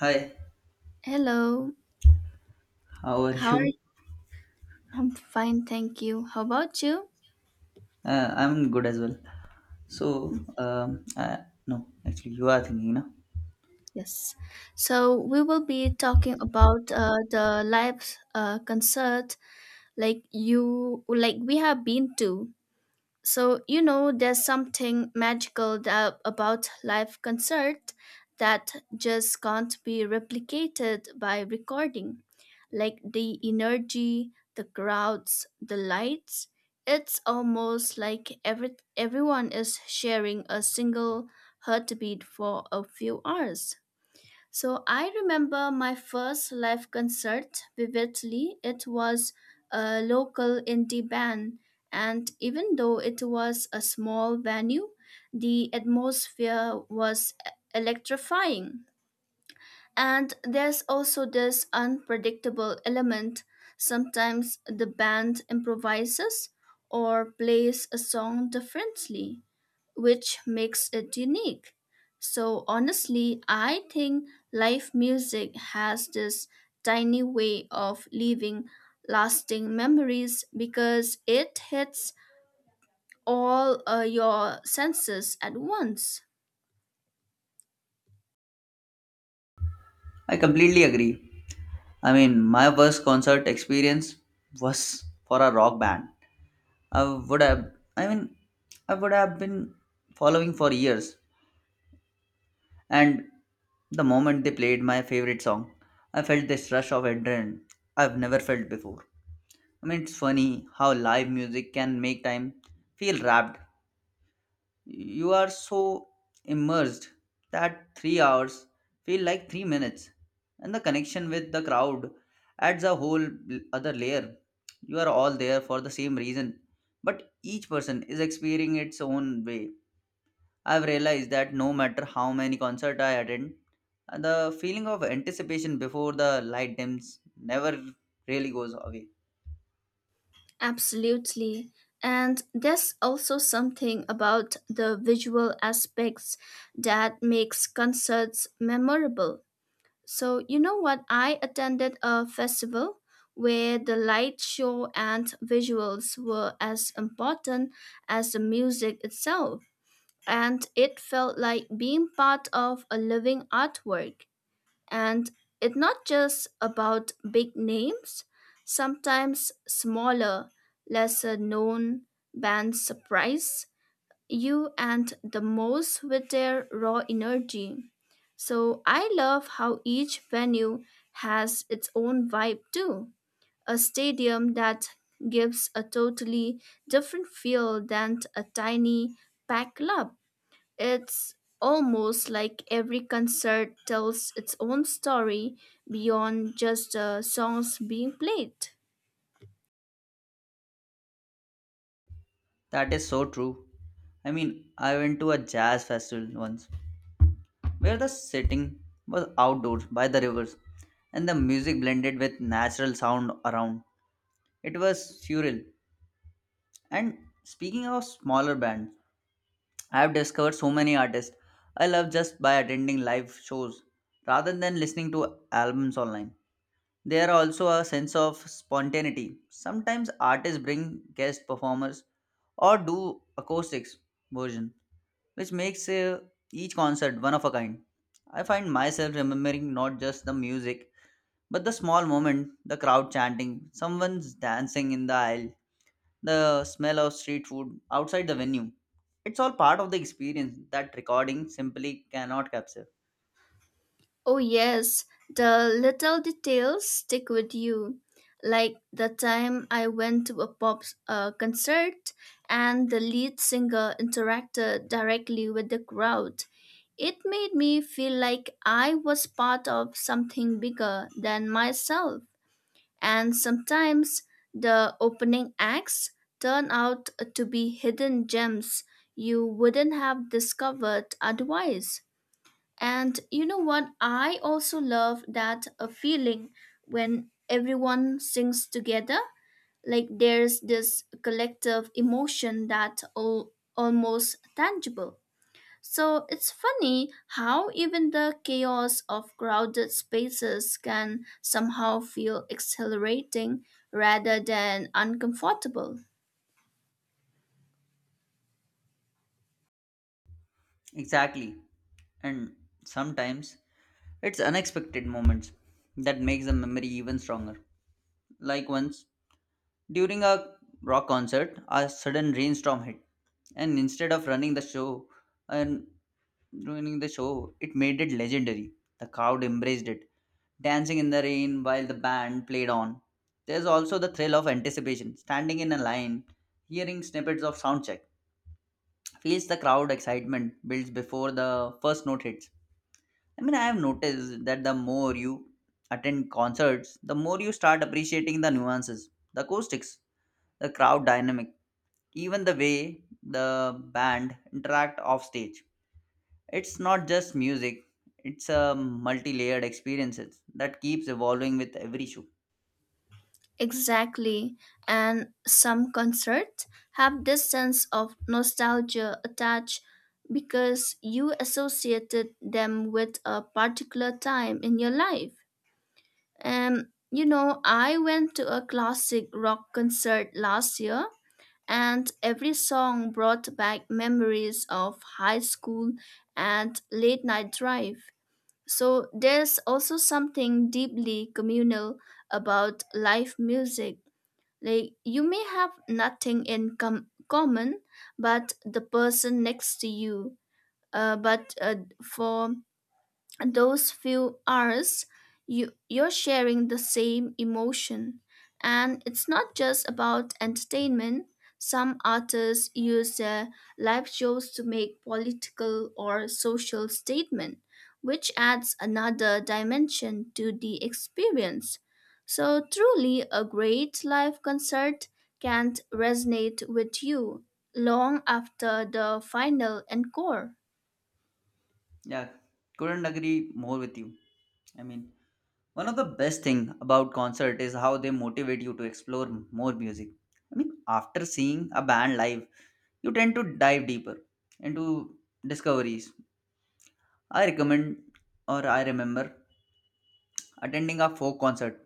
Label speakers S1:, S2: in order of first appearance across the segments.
S1: Hi,
S2: Hello,
S1: how are
S2: how are you?
S1: you?
S2: I'm fine, thank you. How about you?
S1: I'm good as well. So, no, actually, you are thinking, no?
S2: Yes. So we will be talking about the live concert like we have been to. So, there's something magical about live concert that just can't be replicated by recording. Like the energy, the crowds, the lights. It's almost like everyone is sharing a single heartbeat for a few hours. So I remember my first live concert vividly. It was a local indie band, and even though it was a small venue, the atmosphere was electrifying. And there's also this unpredictable element. Sometimes the band improvises or plays a song differently, which makes it unique. So, honestly, I think live music has this tiny way of leaving lasting memories because it hits all your senses at once.
S1: I completely agree. My first concert experience was for a rock band. I would have, I mean, I would have been following for years. And the moment they played my favorite song, I felt this rush of adrenaline I've never felt before. It's funny how live music can make time feel wrapped. You are so immersed that 3 hours feel like 3 minutes, and the connection with the crowd adds a whole other layer. You are all there for the same reason, but each person is experiencing its own way. I've realized that no matter how many concerts I attend, the feeling of anticipation before the light dims never really goes away.
S2: Absolutely. And there's also something about the visual aspects that makes concerts memorable. So, you know what? I attended a festival where the light show and visuals were as important as the music itself. And it felt like being part of a living artwork. And it's not just about big names, sometimes smaller, lesser known bands surprise you and the most with their raw energy. So I love how each venue has its own vibe too. A stadium that gives a totally different feel than a tiny packed club. It's almost like every concert tells its own story beyond just the songs being played.
S1: That is so true. I went to a jazz festival once where the setting was outdoors by the rivers and the music blended with natural sound around. It was surreal. And speaking of smaller bands, I have discovered so many artists I love just by attending live shows rather than listening to albums online. There are also a sense of spontaneity. Sometimes artists bring guest performers or do acoustics version, which makes each concert one of a kind. I find myself remembering not just the music, but the small moment, the crowd chanting, someone's dancing in the aisle, the smell of street food outside the venue. It's all part of the experience that recording simply cannot capture.
S2: Oh, yes, the little details stick with you. Like the time I went to a pop concert and the lead singer interacted directly with the crowd. It made me feel like I was part of something bigger than myself. And sometimes the opening acts turn out to be hidden gems you wouldn't have discovered otherwise. And you know what? I also love that a feeling when everyone sings together. Like there's this collective emotion that all almost tangible. So it's funny how even the chaos of crowded spaces can somehow feel exhilarating rather than uncomfortable.
S1: Exactly. And sometimes it's unexpected moments that makes the memory even stronger. Like once during a rock concert, a sudden rainstorm hit, and instead of running the show and ruining the show, it made it legendary. The crowd embraced it, dancing in the rain while the band played on. There's also the thrill of anticipation, standing in a line, hearing snippets of sound check. Feels the crowd excitement builds before the first note hits. I have noticed that the more you attend concerts, the more you start appreciating the nuances, the acoustics, the crowd dynamic, even the way the band interact off stage. It's not just music, it's a multi-layered experience that keeps evolving with every show.
S2: Exactly. And some concerts have this sense of nostalgia attached because you associated them with a particular time in your life. And I went to a classic rock concert last year, and every song brought back memories of high school and late night drive. So there's also something deeply communal about live music like you may have nothing in common, but the person next to you. But for those few hours you're sharing the same emotion, and it's not just about entertainment. Some artists use their live shows to make political or social statement, which adds another dimension to the experience. So truly a great live concert can resonate with you long after the final encore.
S1: Yeah, couldn't agree more with you. I mean, one of the best thing about concert is how they motivate you to explore more music. After seeing a band live, you tend to dive deeper into discoveries. I recommend or I remember attending a folk concert,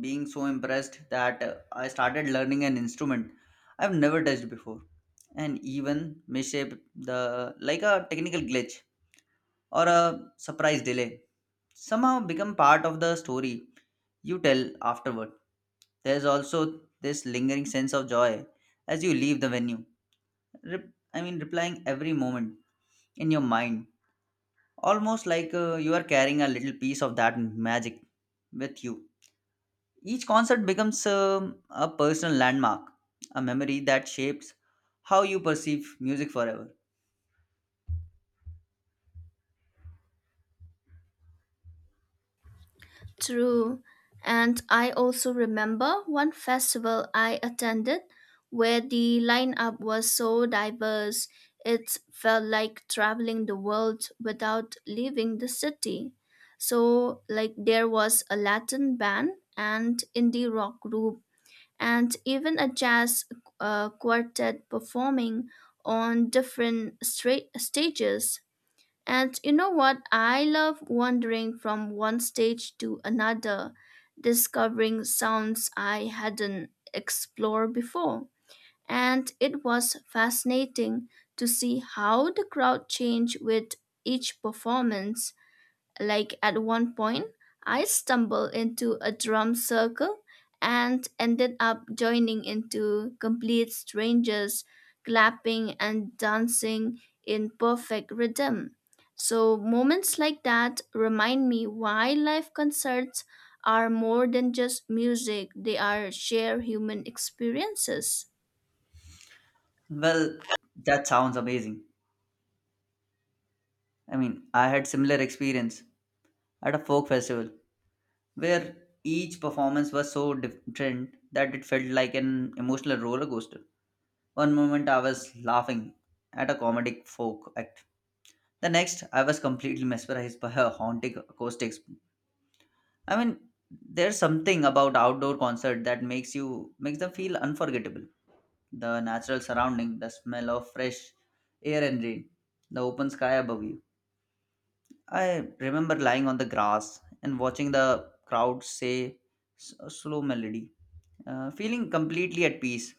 S1: being so impressed that I started learning an instrument I've never touched before, and even misshaped the like a technical glitch or a surprise delay somehow become part of the story you tell afterward. There's also this lingering sense of joy as you leave the venue. Replying every moment in your mind, almost like you are carrying a little piece of that magic with you. Each concert becomes a personal landmark, a memory that shapes how you perceive music forever.
S2: True. And I also remember one festival I attended where the lineup was so diverse, it felt like traveling the world without leaving the city. So, like, there was a Latin band and indie rock group, and even a jazz quartet performing on different stages. And you know what? I love wandering from one stage to another, discovering sounds I hadn't explored before. And it was fascinating to see how the crowd changed with each performance. Like at one point, I stumbled into a drum circle and ended up joining into complete strangers clapping and dancing in perfect rhythm. So moments like that remind me why live concerts are more than just music, they are shared human experiences.
S1: Well, that sounds amazing. I had similar experience at a folk festival where each performance was so different that it felt like an emotional roller coaster. One moment I was laughing at a comedic folk act, the next I was completely mesmerized by her haunting acoustics. I mean, there's something about outdoor concert that makes them feel unforgettable. The natural surrounding, the smell of fresh air and rain, the open sky above you. I remember lying on the grass and watching the crowd say a slow melody, feeling completely at peace.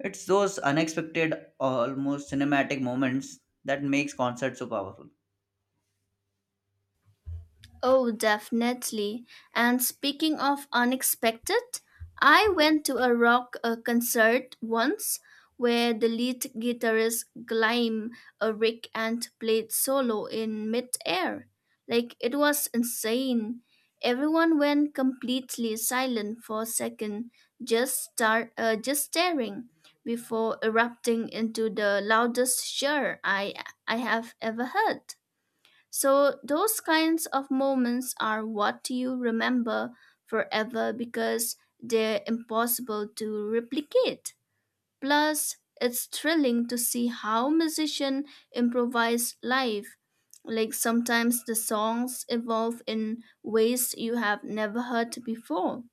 S1: It's those unexpected, almost cinematic moments that makes concerts so powerful.
S2: Oh, definitely. And speaking of unexpected, I went to a rock concert once where the lead guitarist Gleim Ulrich and played solo in mid-air. Like it was insane. Everyone went completely silent for a second, just staring before erupting into the loudest cheer I have ever heard. So, those kinds of moments are what you remember forever because they're impossible to replicate. Plus, it's thrilling to see how musicians improvise live. Like sometimes the songs evolve in ways you have never heard before.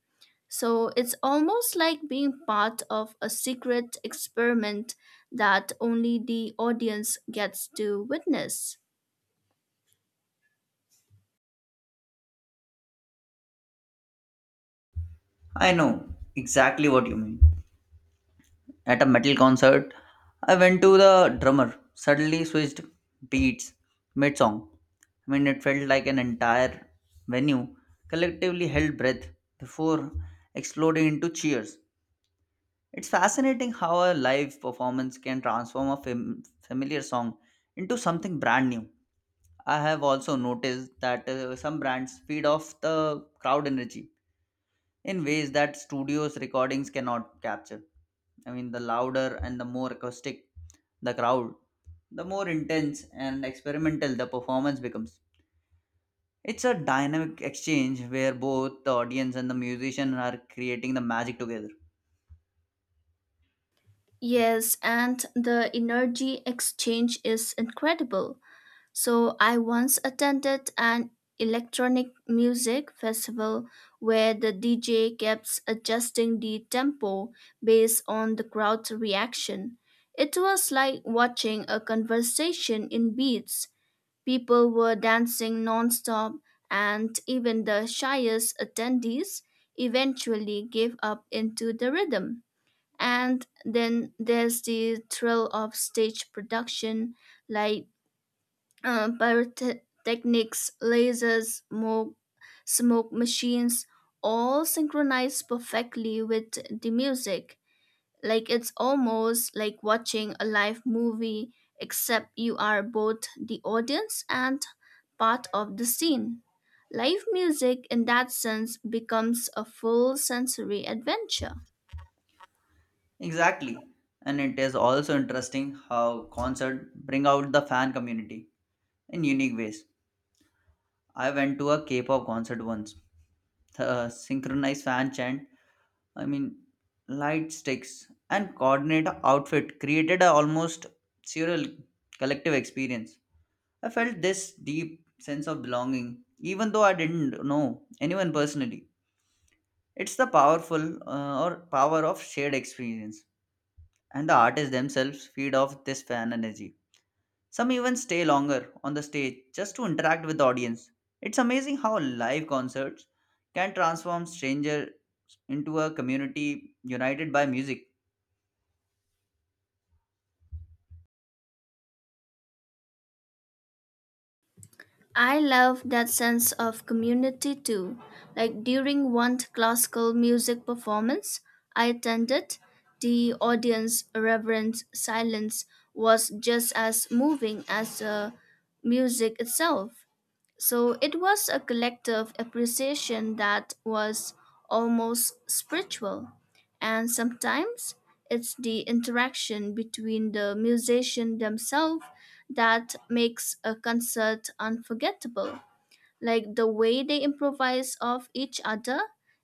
S2: So it's almost like being part of a secret experiment that only the audience gets to witness.
S1: I know exactly what you mean. At a metal concert, I went to, the drummer suddenly switched beats mid song. It felt like an entire venue collectively held breath before exploding into cheers. It's fascinating how a live performance can transform a familiar song into something brand new. I have also noticed that some brands feed off the crowd energy in ways that studios' recordings cannot capture. The louder and the more acoustic the crowd, the more intense and experimental the performance becomes. It's a dynamic exchange where both the audience and the musician are creating the magic together.
S2: Yes, and the energy exchange is incredible. So, I once attended an electronic music festival where the DJ kept adjusting the tempo based on the crowd's reaction. It was like watching a conversation in beats. People were dancing nonstop, and even the shyest attendees eventually gave up into the rhythm. And then there's the thrill of stage production, like pyrotechnics, lasers, smoke machines, all synchronized perfectly with the music. Like it's almost like watching a live movie, except you are both the audience and part of the scene. Live music in that sense becomes a full sensory adventure.
S1: Exactly. And it is also interesting how concerts bring out the fan community in unique ways. I went to a K-pop concert once. The synchronized fan chant, I mean, light sticks, and coordinate outfit created a almost surreal collective experience. I felt this deep sense of belonging, even though I didn't know anyone personally. It's the power of shared experience, and the artists themselves feed off this fan energy. Some even stay longer on the stage just to interact with the audience. It's amazing how live concerts can transform strangers into a community united by music.
S2: I love that sense of community too. Like during one classical music performance I attended, the audience reverent silence was just as moving as the music itself. So it was a collective appreciation that was almost spiritual. And sometimes it's the interaction between the musicians themselves that makes a concert unforgettable. Like the way they improvise off each other,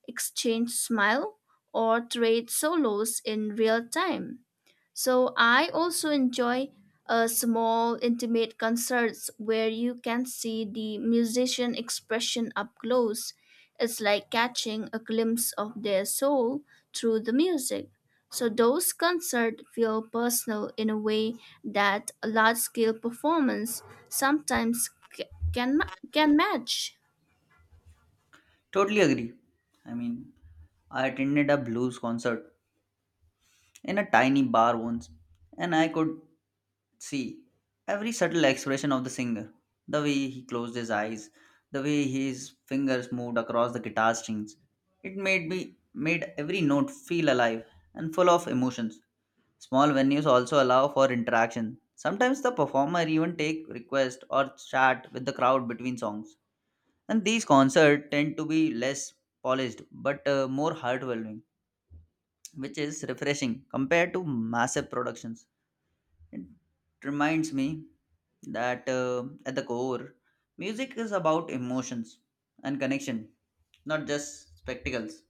S2: exchange smile, or trade solos in real time. So I also enjoy small intimate concerts where you can see the musician expression up close. It's like catching a glimpse of their soul through the music. So those concerts feel personal in a way that a large-scale performance sometimes can match.
S1: Totally agree. I mean, I attended a blues concert in a tiny bar once, and I could see every subtle expression of the singer, the way he closed his eyes, the way his fingers moved across the guitar strings. It made every note feel alive and full of emotions. Small venues also allow for interaction. Sometimes the performer even take requests or chat with the crowd between songs. And these concerts tend to be less polished but more heartwarming, which is refreshing compared to massive productions. It reminds me that at the core, music is about emotions and connection, not just spectacles.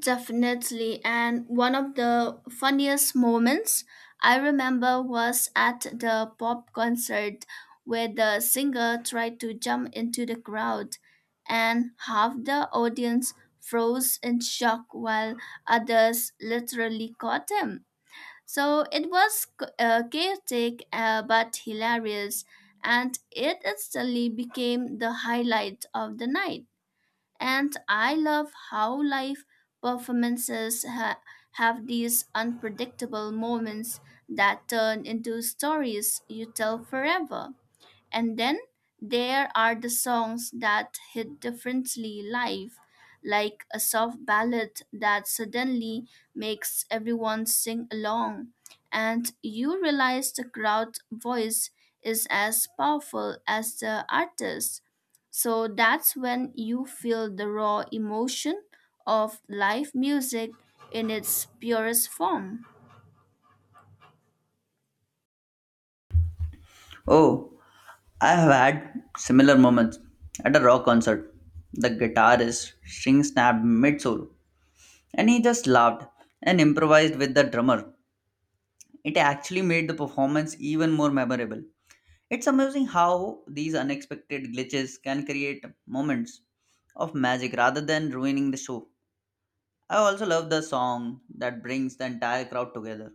S2: Definitely. And one of the funniest moments I remember was at the pop concert where the singer tried to jump into the crowd and half the audience froze in shock while others literally caught him. So it was chaotic, but hilarious, and it instantly became the highlight of the night. And I love how live performances have these unpredictable moments that turn into stories you tell forever. And then there are the songs that hit differently live, like a soft ballad that suddenly makes everyone sing along. And you realize the crowd voice is as powerful as the artist. So that's when you feel the raw emotion of live music in its purest form.
S1: Oh, I have had similar moments at a rock concert. The guitarist string snapped mid solo, and he just laughed and improvised with the drummer. It actually made the performance even more memorable. It's amazing how these unexpected glitches can create moments of magic rather than ruining the show. I also love the song that brings the entire crowd together,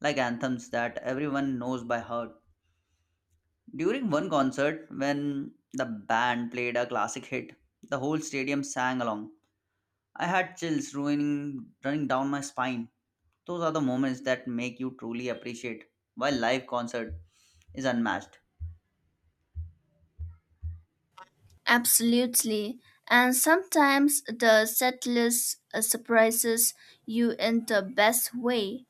S1: like anthems that everyone knows by heart. During one concert, when the band played a classic hit, the whole stadium sang along. I had chills running down my spine. Those are the moments that make you truly appreciate why live concert is unmatched.
S2: Absolutely. And sometimes the setlist surprises you in the best way.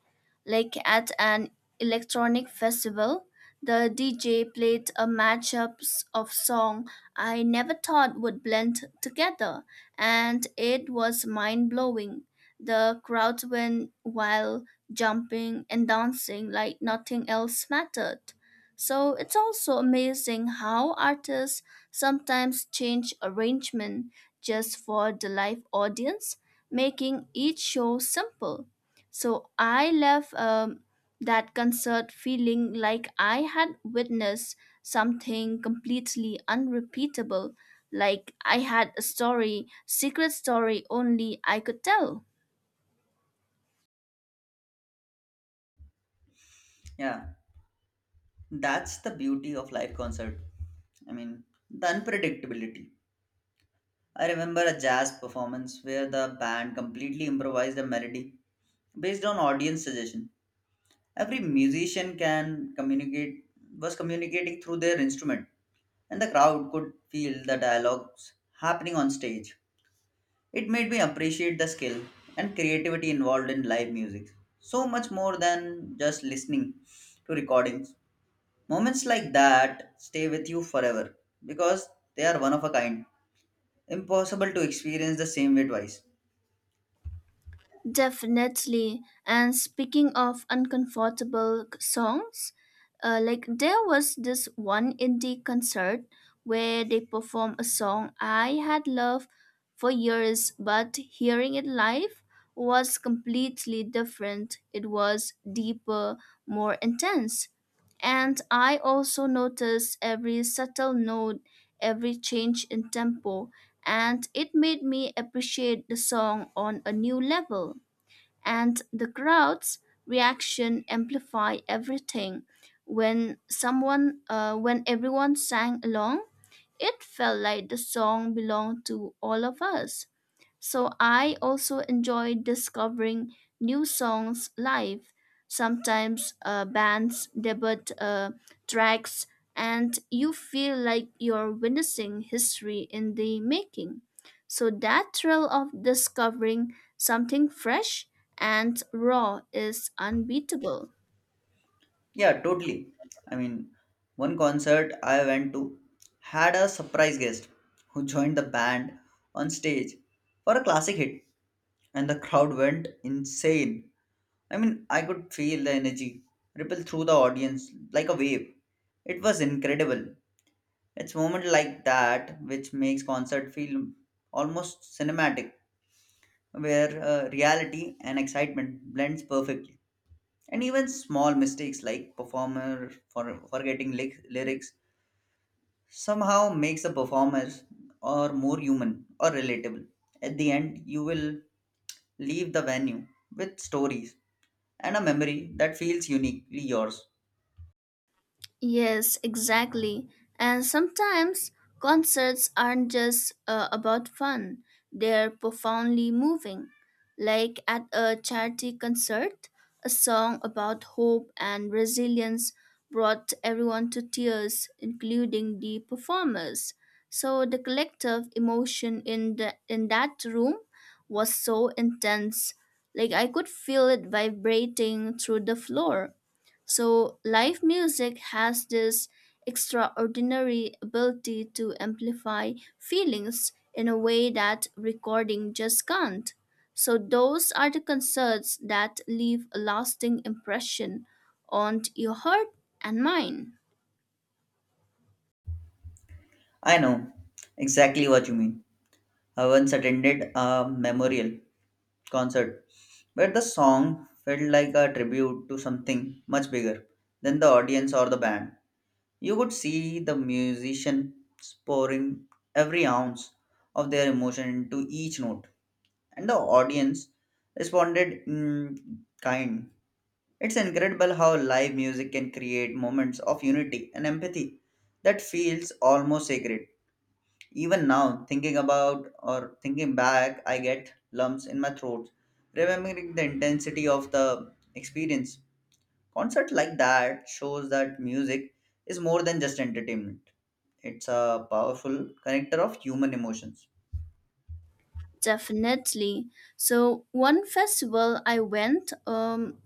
S2: Like at an electronic festival, the DJ played a matchups of song I never thought would blend together, and it was mind-blowing. The crowd went wild, jumping and dancing like nothing else mattered. So it's also amazing how artists sometimes change arrangement just for the live audience, making each show simple. So I left that concert feeling like I had witnessed something completely unrepeatable, like I had a story, secret story only I could tell.
S1: Yeah, that's the beauty of live concert. I mean, the unpredictability. I remember a jazz performance where the band completely improvised a melody based on audience suggestion. Every musician can communicate was communicating through their instrument, and the crowd could feel the dialogues happening on stage. It made me appreciate the skill and creativity involved in live music so much more than just listening to recordings. Moments like that stay with you forever because they are one of a kind, impossible to experience the same way twice.
S2: Definitely. And speaking of uncomfortable songs, like there was this one indie concert where they performed a song I had loved for years, but hearing it live was completely different. It was deeper, more intense. And I also noticed every subtle note, every change in tempo, and it made me appreciate the song on a new level, and the crowd's reaction amplified everything. When everyone sang along, it felt like the song belonged to all of us. So I also enjoy discovering new songs live. Sometimes bands debut tracks, and you feel like you're witnessing history in the making. So that thrill of discovering something fresh and raw is unbeatable.
S1: Yeah, totally. I mean, one concert I went to had a surprise guest who joined the band on stage for a classic hit, and the crowd went insane. I could feel the energy ripple through the audience like a wave. It was incredible. It's moment like that which makes concert feel almost cinematic, where reality and excitement blends perfectly, and even small mistakes like performer for forgetting lyrics somehow makes the performers or more human or relatable. At the end you will leave the venue with stories and a memory that feels uniquely yours.
S2: Yes, exactly. And sometimes concerts aren't just about fun, they're profoundly moving. Like at a charity concert, a song about hope and resilience brought everyone to tears, including the performers. So the collective emotion in that room was so intense. Like I could feel it vibrating through the floor. So, live music has this extraordinary ability to amplify feelings in a way that recording just can't. So, those are the concerts that leave a lasting impression on your heart and mind.
S1: I know exactly what you mean. I once attended a memorial concert where the song felt like a tribute to something much bigger than the audience or the band. You could see the musician pouring every ounce of their emotion into each note, and the audience responded in kind. It's incredible how live music can create moments of unity and empathy that feels almost sacred. Even now, thinking about or thinking back, I get lumps in my throat, remembering the intensity of the experience. Concert like that shows that music is more than just entertainment. It's a powerful connector of human emotions.
S2: Definitely. So, one festival I went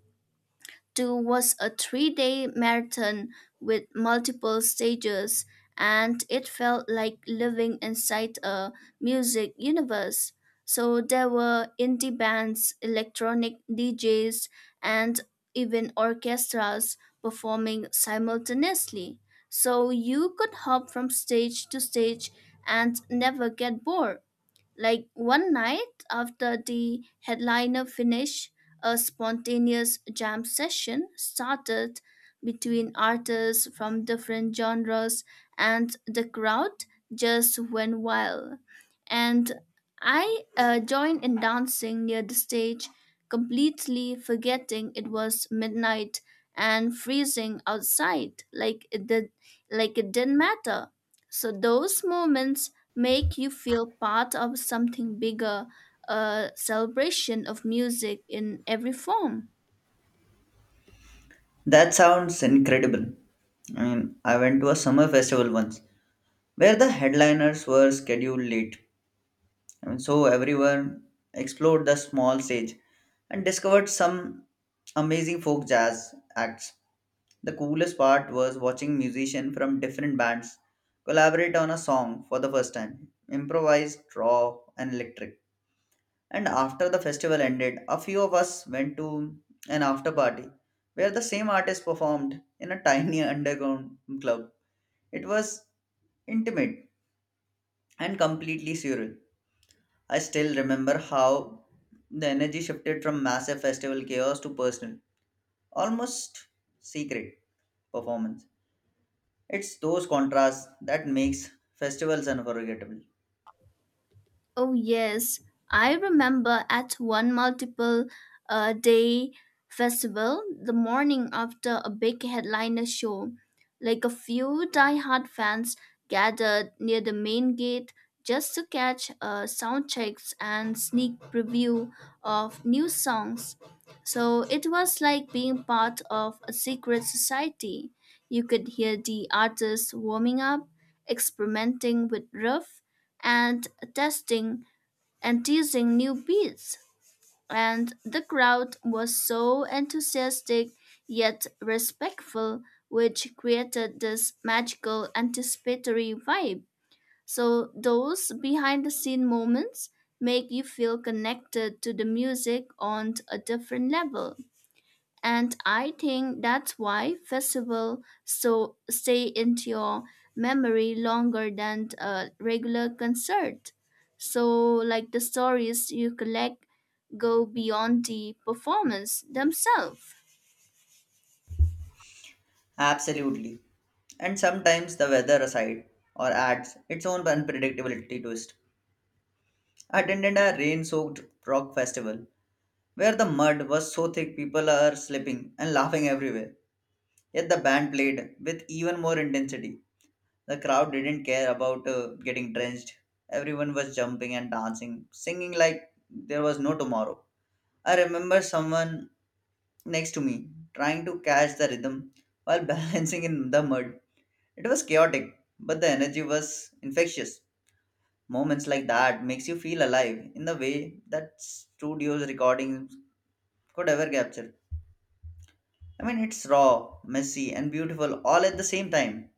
S2: 2 was a 3-day marathon with multiple stages, and it felt like living inside a music universe. So there were indie bands, electronic DJs, and even orchestras performing simultaneously. So you could hop from stage to stage and never get bored. Like one night after the headliner finished, a spontaneous jam session started between artists from different genres, and the crowd just went wild. And I joined in dancing near the stage, completely forgetting it was midnight and freezing outside. Like it didn't matter. So those moments make you feel part of something bigger, a celebration of music in every form.
S1: That sounds incredible. I went to a summer festival once where the headliners were scheduled late. So everyone explored the small stage and discovered some amazing folk jazz acts. The coolest part was watching musicians from different bands collaborate on a song for the first time, improvised, raw, and electric. And after the festival ended, a few of us went to an after party where the same artist performed in a tiny underground club. It was intimate and completely surreal. I still remember how the energy shifted from massive festival chaos to personal, almost secret performance. It's those contrasts that makes festivals unforgettable.
S2: Oh, yes. I remember at one multiple day festival, the morning after a big headliner show, like a few die-hard fans gathered near the main gate just to catch sound checks and sneak preview of new songs. So it was like being part of a secret society. You could hear the artists warming up, experimenting with riff and testing and teasing new beats. And the crowd was so enthusiastic yet respectful, which created this magical anticipatory vibe. So, those behind the scene moments make you feel connected to the music on a different level, and I think that's why festival so stay into your memory longer than a regular concert. So like the stories you collect go beyond the performance themselves.
S1: Absolutely. And sometimes the weather aside or adds its own unpredictability twist. Attended a rain-soaked rock festival where the mud was so thick people are slipping and laughing everywhere. Yet the band played with even more intensity. The crowd didn't care about getting drenched. Everyone was jumping and dancing, singing like there was no tomorrow. I remember someone next to me trying to catch the rhythm while balancing in the mud. It was chaotic, but the energy was infectious. Moments like that makes you feel alive in the way that studios recordings could ever capture. It's raw, messy, and beautiful all at the same time.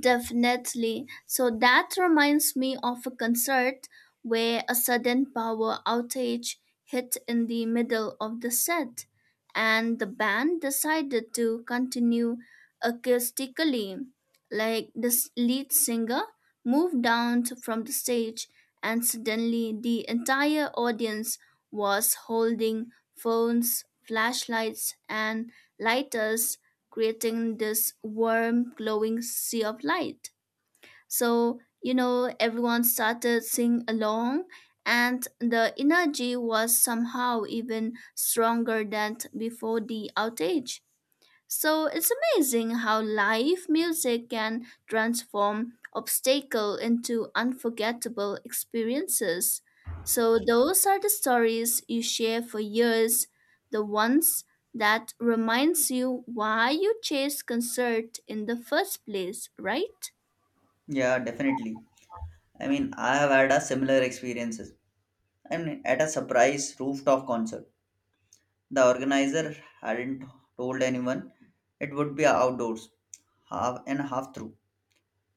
S2: Definitely. So that reminds me of a concert where a sudden power outage hit in the middle of the set, and the band decided to continue acoustically. Like the lead singer moved down from the stage, and suddenly the entire audience was holding phones, flashlights, and lighters, creating this warm, glowing sea of light. So, everyone started singing along, and the energy was somehow even stronger than before the outage. So it's amazing how live music can transform obstacle into unforgettable experiences. So those are the stories you share for years, the ones that reminds you why you chased concert in the first place, right?
S1: Yeah, definitely. I have had a similar experiences. At a surprise rooftop concert, the organizer hadn't told anyone it would be outdoors, half and half through.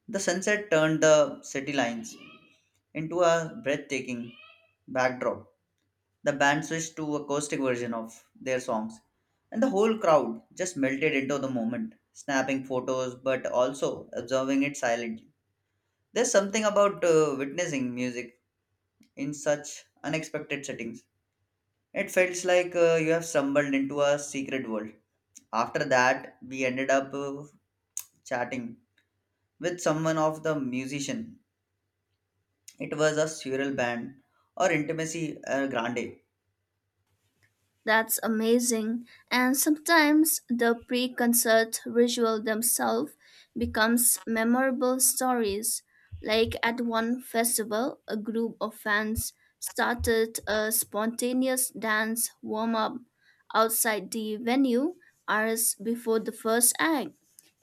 S1: The sunset turned the city lines into a breathtaking backdrop. The band switched to acoustic version of their songs, and the whole crowd just melted into the moment, snapping photos but also observing it silently. There's something about witnessing music in such unexpected settings. It felt like you have stumbled into a secret world. After that, we ended up chatting with someone of the musician. It was a surreal band or intimacy, grande.
S2: That's amazing. And sometimes the pre concert ritual themselves becomes memorable stories. Like at one festival, a group of fans started a spontaneous dance warm up outside the venue hours before the first act.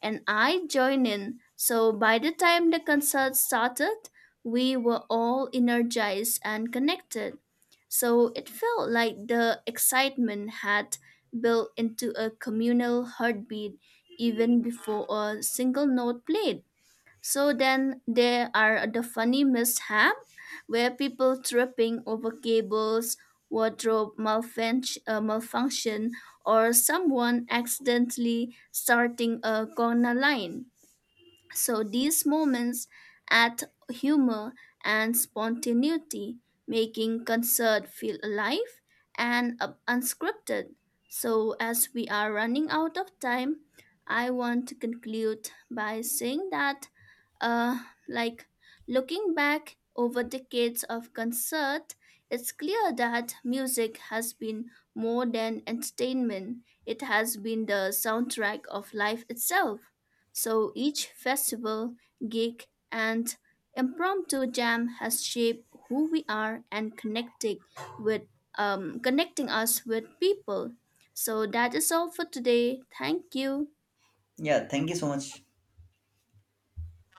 S2: And I joined in. So by the time the concert started, we were all energized and connected. So it felt like the excitement had built into a communal heartbeat even before a single note played. So then there are the funny mishap where people tripping over cables, wardrobe malfunction, or someone accidentally starting a corner line. So these moments add humor and spontaneity, making concert feel alive and unscripted. So as we are running out of time, I want to conclude by saying that uh, like looking back over decades of concert, it's clear that music has been more than entertainment. It has been the soundtrack of life itself. So each festival, gig, and impromptu jam has shaped who we are and connected with connecting us with people. So that is all for today. Thank you.
S1: Yeah, thank you so much.